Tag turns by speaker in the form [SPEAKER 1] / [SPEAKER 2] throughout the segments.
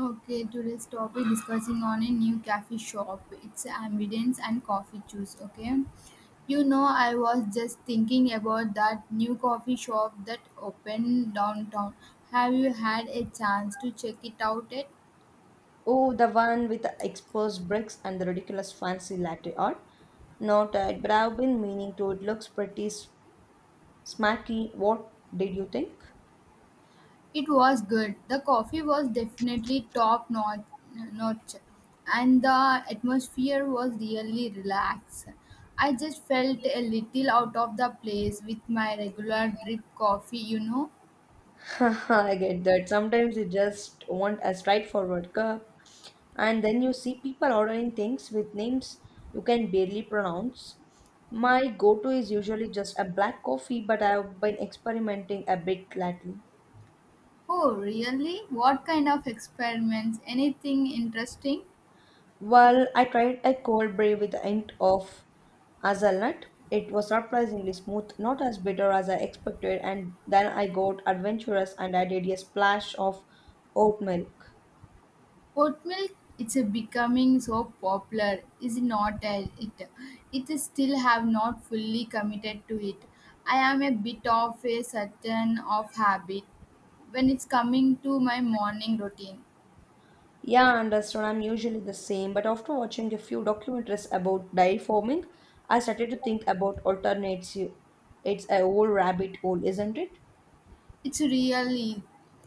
[SPEAKER 1] Okay, today's topic discussing on a new coffee shop. It's ambience and coffee juice. I was just thinking about that new coffee shop that opened downtown. Have you had a chance to check it out yet?
[SPEAKER 2] Oh, the one with the exposed bricks and the ridiculous fancy latte art. Not it, but I've been meaning to. It looks pretty smacky. What did you think?
[SPEAKER 1] It was good. The coffee was definitely top notch, and the atmosphere was really relaxed. I just felt a little out of the place with my regular drip coffee.
[SPEAKER 2] I get that. Sometimes you just want a straightforward cup, and then you see people ordering things with names you can barely pronounce. My go to is usually just a black coffee, but I've been experimenting a bit lately.
[SPEAKER 1] Oh, really? What kind of experiments? Anything interesting?
[SPEAKER 2] Well, I tried a cold brew with a hint of hazelnut. It was surprisingly smooth, not as bitter as I expected, and then I got adventurous and I did a splash of oat milk.
[SPEAKER 1] Oat milk, it's a becoming so popular, is not it? It is still have not fully committed to it. I am a bit of a certain of habit when it's coming to my morning routine.
[SPEAKER 2] Yeah, I understood. I'm usually the same, but after watching a few documentaries about dye forming, I started to think about alternatives. It's a whole rabbit hole, isn't it?
[SPEAKER 1] It's really,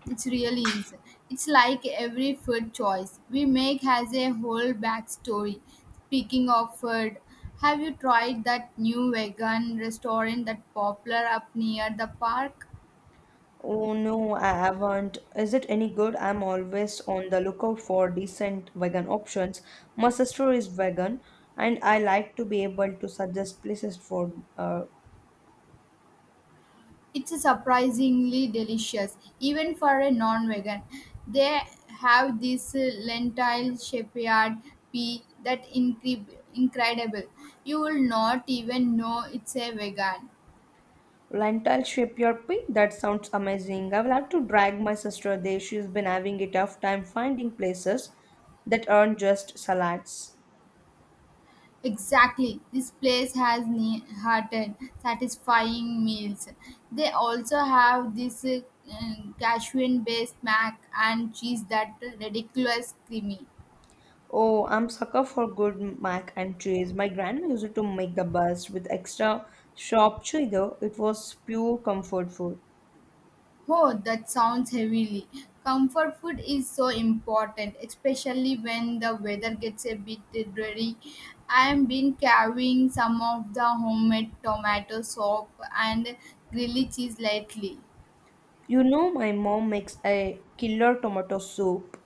[SPEAKER 1] it's really is. It's like every food choice we make has a whole backstory. Speaking of food, have you tried that new vegan restaurant that popular up near the park?
[SPEAKER 2] Oh no, I haven't. Is it any good? I'm always on the lookout for decent vegan options. My sister is vegan, and I like to be able to suggest places for uh,
[SPEAKER 1] It's surprisingly delicious, even for a non-vegan. They have this lentil shepherd pea that incredible. You will not even know it's a vegan.
[SPEAKER 2] lentil shape your pea. That sounds amazing. I will have to drag my sister there. She's been having a tough time finding places that aren't just salads.
[SPEAKER 1] Exactly. This place has hot and satisfying meals. They also have this cashew based mac and cheese that ridiculous creamy.
[SPEAKER 2] Oh, I'm sucker for good mac and cheese. My grandma used to make the best with extra sharp cheddar. It was pure comfort food.
[SPEAKER 1] Oh, that sounds heavily. Comfort food is so important, especially when the weather gets a bit dreary. I have been carrying some of the homemade tomato soup and grilled cheese lately.
[SPEAKER 2] You know, my mom makes a killer tomato soup.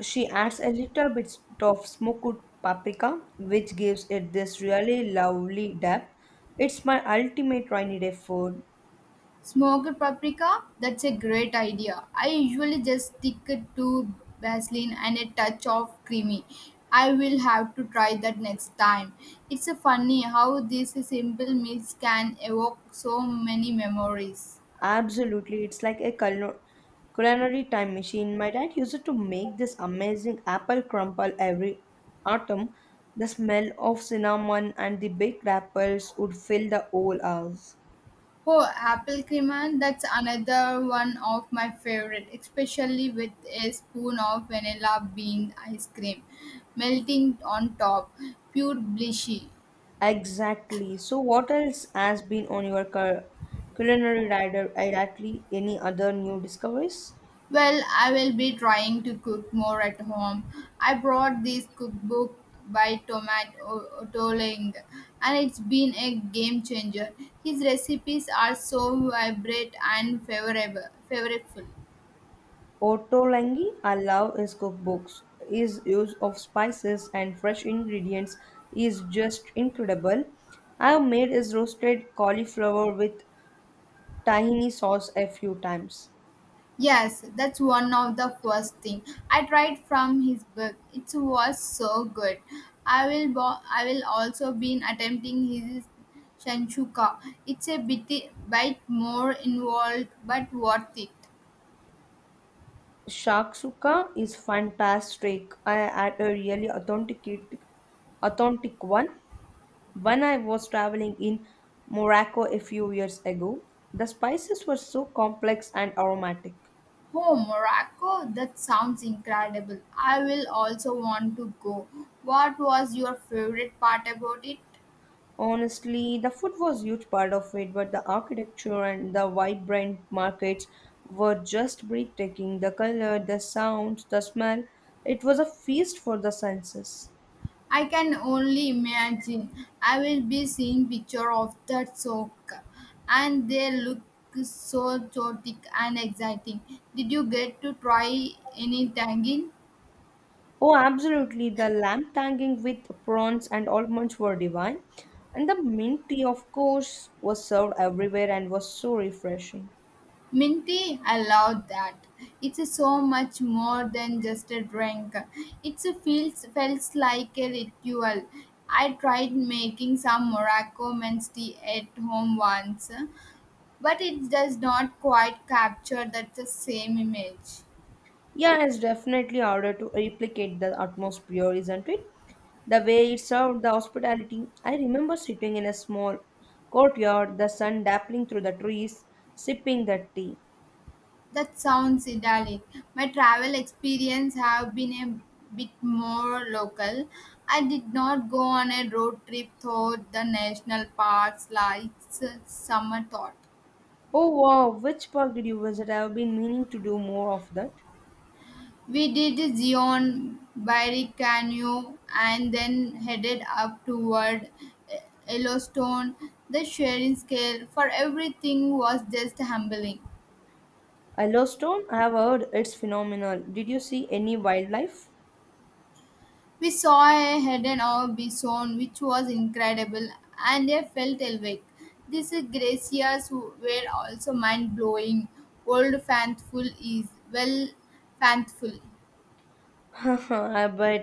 [SPEAKER 2] She adds a little bit of smoked paprika, which gives it this really lovely depth. It's my ultimate rainy day food.
[SPEAKER 1] Smoked paprika? That's a great idea. I usually just stick it to Vaseline and a touch of creamy. I will have to try that next time. It's a funny how these simple meals can evoke so many memories.
[SPEAKER 2] Absolutely, it's like a culinary time machine. My dad used it to make this amazing apple crumble every autumn. The smell of cinnamon and the baked apples would fill the whole house.
[SPEAKER 1] Oh, apple crema, that's another one of my favorite, especially with a spoon of vanilla bean ice cream melting on top. Pure blishy.
[SPEAKER 2] Exactly. So, what else has been on your culinary rider? Exactly, any other new discoveries?
[SPEAKER 1] Well, I will be trying to cook more at home. I brought this cookbook by Tomat Otoling and it's been a game changer. His recipes are so vibrant and favorable.
[SPEAKER 2] Otto Langi, I love his cookbooks. His use of spices and fresh ingredients is just incredible. I have made his roasted cauliflower with tahini sauce a few times.
[SPEAKER 1] Yes, that's one of the first thing I tried from his book. It was so good. I will also be attempting his Shanshuka. It's a bit more involved but worth it.
[SPEAKER 2] Shakshuka is fantastic. I had a authentic one. When I was traveling in Morocco a few years ago, the spices were so complex and aromatic.
[SPEAKER 1] Oh, Morocco, that sounds incredible. I will also want to go. What was your favorite part about it?
[SPEAKER 2] Honestly, the food was a huge part of it, but the architecture and the vibrant markets were just breathtaking. The color, the sounds, the smell, it was a feast for the senses.
[SPEAKER 1] I can only imagine. I will be seeing picture of that soak and they look so exotic and exciting. Did you get to try any tangin?
[SPEAKER 2] Oh, absolutely. The lamb tanging with prawns and almonds were divine. And the mint tea, of course, was served everywhere and was so refreshing.
[SPEAKER 1] Minty, I love that. It's a so much more than just a drink. It feels like a ritual. I tried making some Morocco men's tea at home once, but it does not quite capture that the same image.
[SPEAKER 2] Yeah, it's definitely harder to replicate the atmosphere, isn't it? The way it served the hospitality. I remember sitting in a small courtyard, the sun dappling through the trees, sipping that tea.
[SPEAKER 1] That sounds idyllic. My travel experience have been a bit more local. I did not go on a road trip through the national parks like summer thought.
[SPEAKER 2] Oh wow, which park did you visit? I have been meaning to do more of that.
[SPEAKER 1] We did Zion, Barricano, and then headed up toward E- Yellowstone. The sharing scale for everything was just humbling.
[SPEAKER 2] Yellowstone, I have heard it's phenomenal. Did you see any wildlife?
[SPEAKER 1] We saw a hidden or bison, which was incredible, and I felt awake. These glaciers were also mind blowing. Old faithful is well faithful.
[SPEAKER 2] but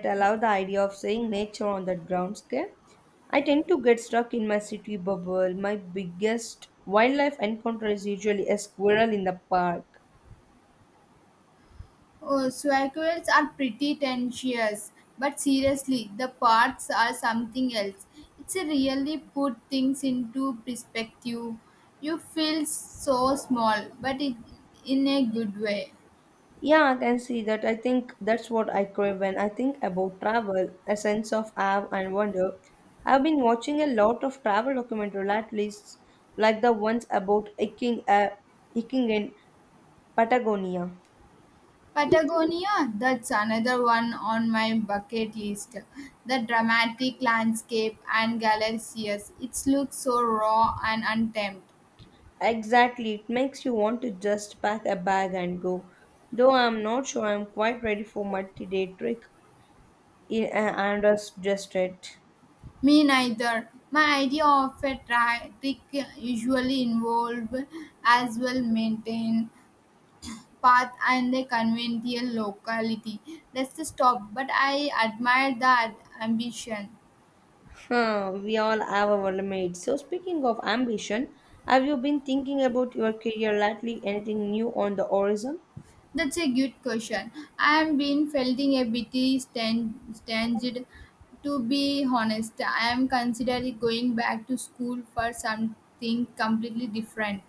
[SPEAKER 2] I love the idea of seeing nature on that ground scale. I tend to get stuck in my city bubble. My biggest wildlife encounter is usually a squirrel in the park.
[SPEAKER 1] Oh, sequels are pretty tenacious, but seriously, the parts are something else. It's a really put things into perspective. You feel so small, but it, in a good way.
[SPEAKER 2] Yeah, I can see that. I think that's what I crave when I think about travel, a sense of awe and wonder. I've been watching a lot of travel documentary lately, like the ones about hiking in Patagonia.
[SPEAKER 1] Patagonia, that's another one on my bucket list. The dramatic landscape and galaxies. It looks so raw and untamed.
[SPEAKER 2] Exactly, it makes you want to just pack a bag and go. Though I'm not sure I'm quite ready for multi-day trek in Andros just yet.
[SPEAKER 1] Me neither. My idea of a trick usually involved as well maintained path and a convenient locality. Let's just stop. But I admire that ambition.
[SPEAKER 2] Huh, we all have our limits. So speaking of ambition, have you been thinking about your career lately? Anything new on the horizon?
[SPEAKER 1] That's a good question. I am been feeling a bit stanged. To be honest, I am considering going back to school for something completely different.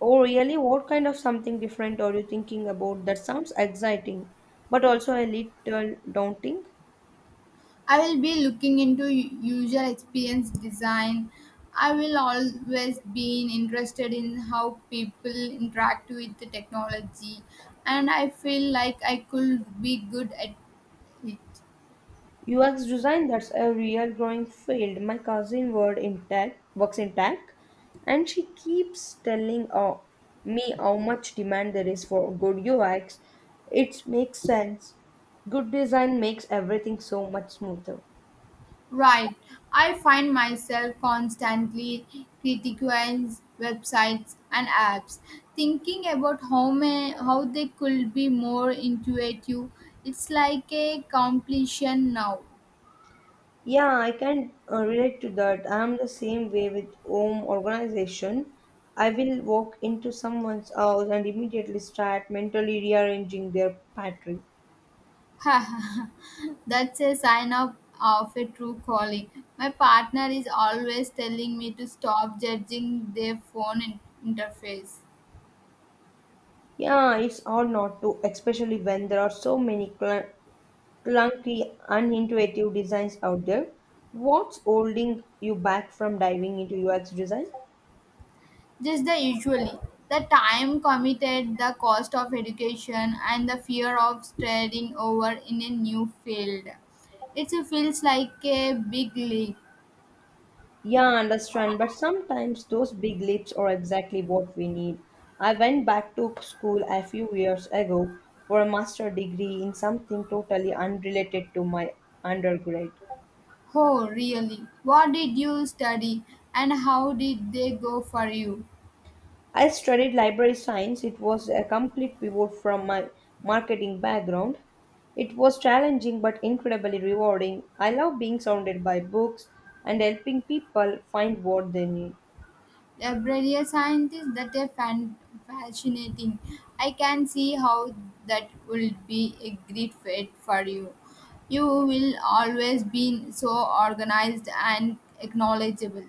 [SPEAKER 2] Oh, really? What kind of something different are you thinking about? That sounds exciting, but also a little daunting.
[SPEAKER 1] I will be looking into user experience design. I will always be interested in how people interact with the technology, and I feel like I could be good at it.
[SPEAKER 2] UX design, that's a real growing field. My cousin worked in tech, works in tech, and she keeps telling me how much demand there is for good UX. It makes sense. Good design makes everything so much smoother.
[SPEAKER 1] Right. I find myself constantly critiquing websites and apps, thinking about how they could be more intuitive. It's like a completion now.
[SPEAKER 2] Yeah, I can relate to that. I'm the same way with home organization. I will walk into someone's house and immediately start mentally rearranging their pantry.
[SPEAKER 1] That's a sign of a true calling. My partner is always telling me to stop judging their phone interface.
[SPEAKER 2] Yeah, it's hard not to, especially when there are so many clunky, unintuitive designs out there. What's holding you back from diving into UX design?
[SPEAKER 1] Just the usually. The time committed, the cost of education, and the fear of starting over in a new field. It feels like a big leap.
[SPEAKER 2] Yeah, I understand, but sometimes those big leaps are exactly what we need. I went back to school a few years ago for a master degree in something totally unrelated to my undergrad.
[SPEAKER 1] Oh, really? What did you study, and how did they go for you?
[SPEAKER 2] I studied library science. It was a complete pivot from my marketing background. It was challenging but incredibly rewarding. I love being surrounded by books and helping people find what they need.
[SPEAKER 1] Library scientists that are fascinating. I can see how that would be a great fit for you. You will always be so organized and acknowledgeable.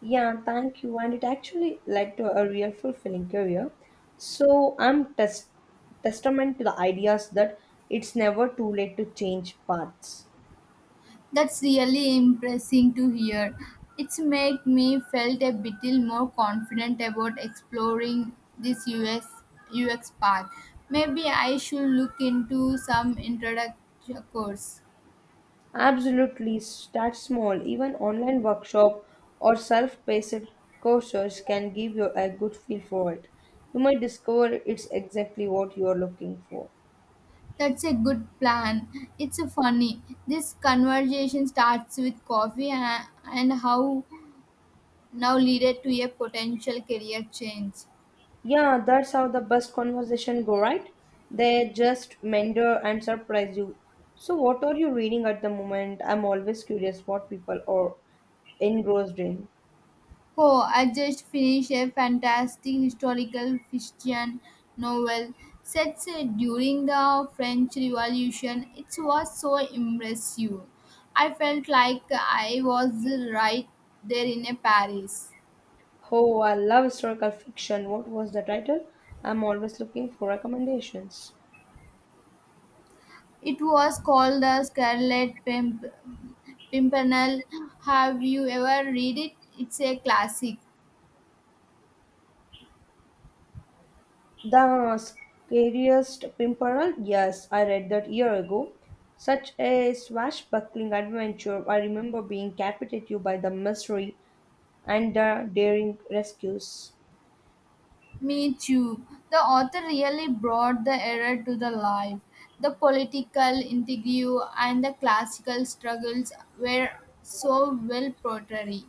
[SPEAKER 2] Yeah, thank you. And it actually led to a real fulfilling career. So I'm testament to the ideas that it's never too late to change paths.
[SPEAKER 1] That's really impressive to hear. It's made me felt a bit more confident about exploring this US UX path. Maybe I should look into some introductory course.
[SPEAKER 2] Absolutely start small. Even online workshop or self-paced courses can give you a good feel for it. You might discover it's exactly what you're looking for.
[SPEAKER 1] That's a good plan. It's a funny. This conversation starts with coffee and how now leaded to a potential career change.
[SPEAKER 2] Yeah, that's how the best conversation go, right? They just meander and surprise you. So what are you reading at the moment? I'm always curious what people are engrossed in.
[SPEAKER 1] Oh, I just finished a fantastic historical fiction novel set during the French Revolution. It was so impressive. I felt like I was right there in a Paris.
[SPEAKER 2] Oh, I love historical fiction. What was the title? I'm always looking for recommendations.
[SPEAKER 1] It was called the Scarlet Pimp- Pimpernel. Have you ever read it? It's a classic.
[SPEAKER 2] The Scariest Pimpernel? Yes, I read that year ago. Such a swashbuckling adventure. I remember being captivated by the mystery and the daring rescues.
[SPEAKER 1] Me too. The author really brought the era to the life. The political intrigue and the classical struggles were so well portrayed.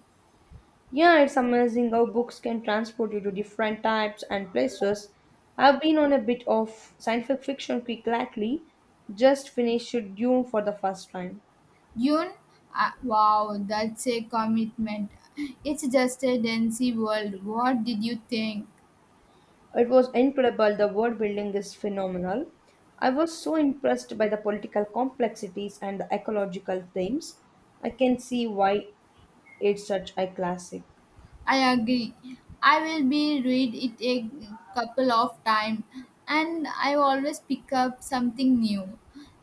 [SPEAKER 2] Yeah, it's amazing how books can transport you to different types and places. I've been on a bit of science fiction kick lately. Just finished Dune for the first time.
[SPEAKER 1] Yun, wow, that's a commitment. It's just a dancey world. What did you think?
[SPEAKER 2] It was incredible. The world building is phenomenal. I was so impressed by the political complexities and the ecological themes. I can see why it's such a classic.
[SPEAKER 1] I agree. I will be read it a couple of time and I always pick up something new.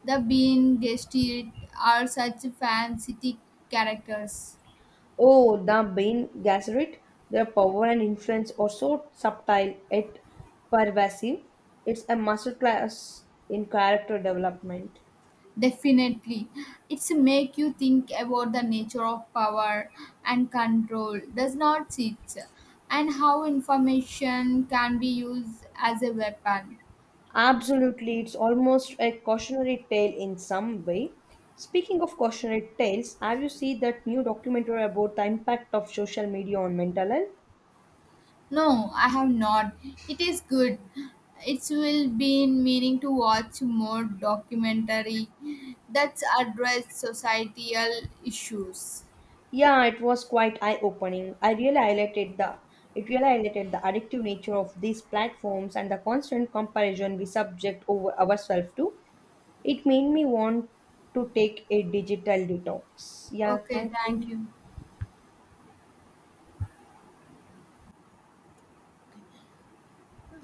[SPEAKER 1] The bean gesture are such fancy characters.
[SPEAKER 2] Oh, the Bene Gesserit, their power and influence are so subtle yet pervasive. It's a masterclass in character development.
[SPEAKER 1] Definitely. It's make you think about the nature of power and control, does not it? And how information can be used as a weapon.
[SPEAKER 2] Absolutely, it's almost a cautionary tale in some way. Speaking of cautionary tales, have you seen that new documentary about the impact of social media on mental health?
[SPEAKER 1] No, I have not. It is good. It's will been meaning to watch more documentary that's address societal issues.
[SPEAKER 2] Yeah, it was quite eye-opening. I really highlighted the it really highlighted the addictive nature of these platforms and the constant comparison we subject over ourselves to. It made me want to take a digital detox. Yeah,
[SPEAKER 1] Okay,
[SPEAKER 2] thank
[SPEAKER 1] thank
[SPEAKER 2] you.
[SPEAKER 1] you.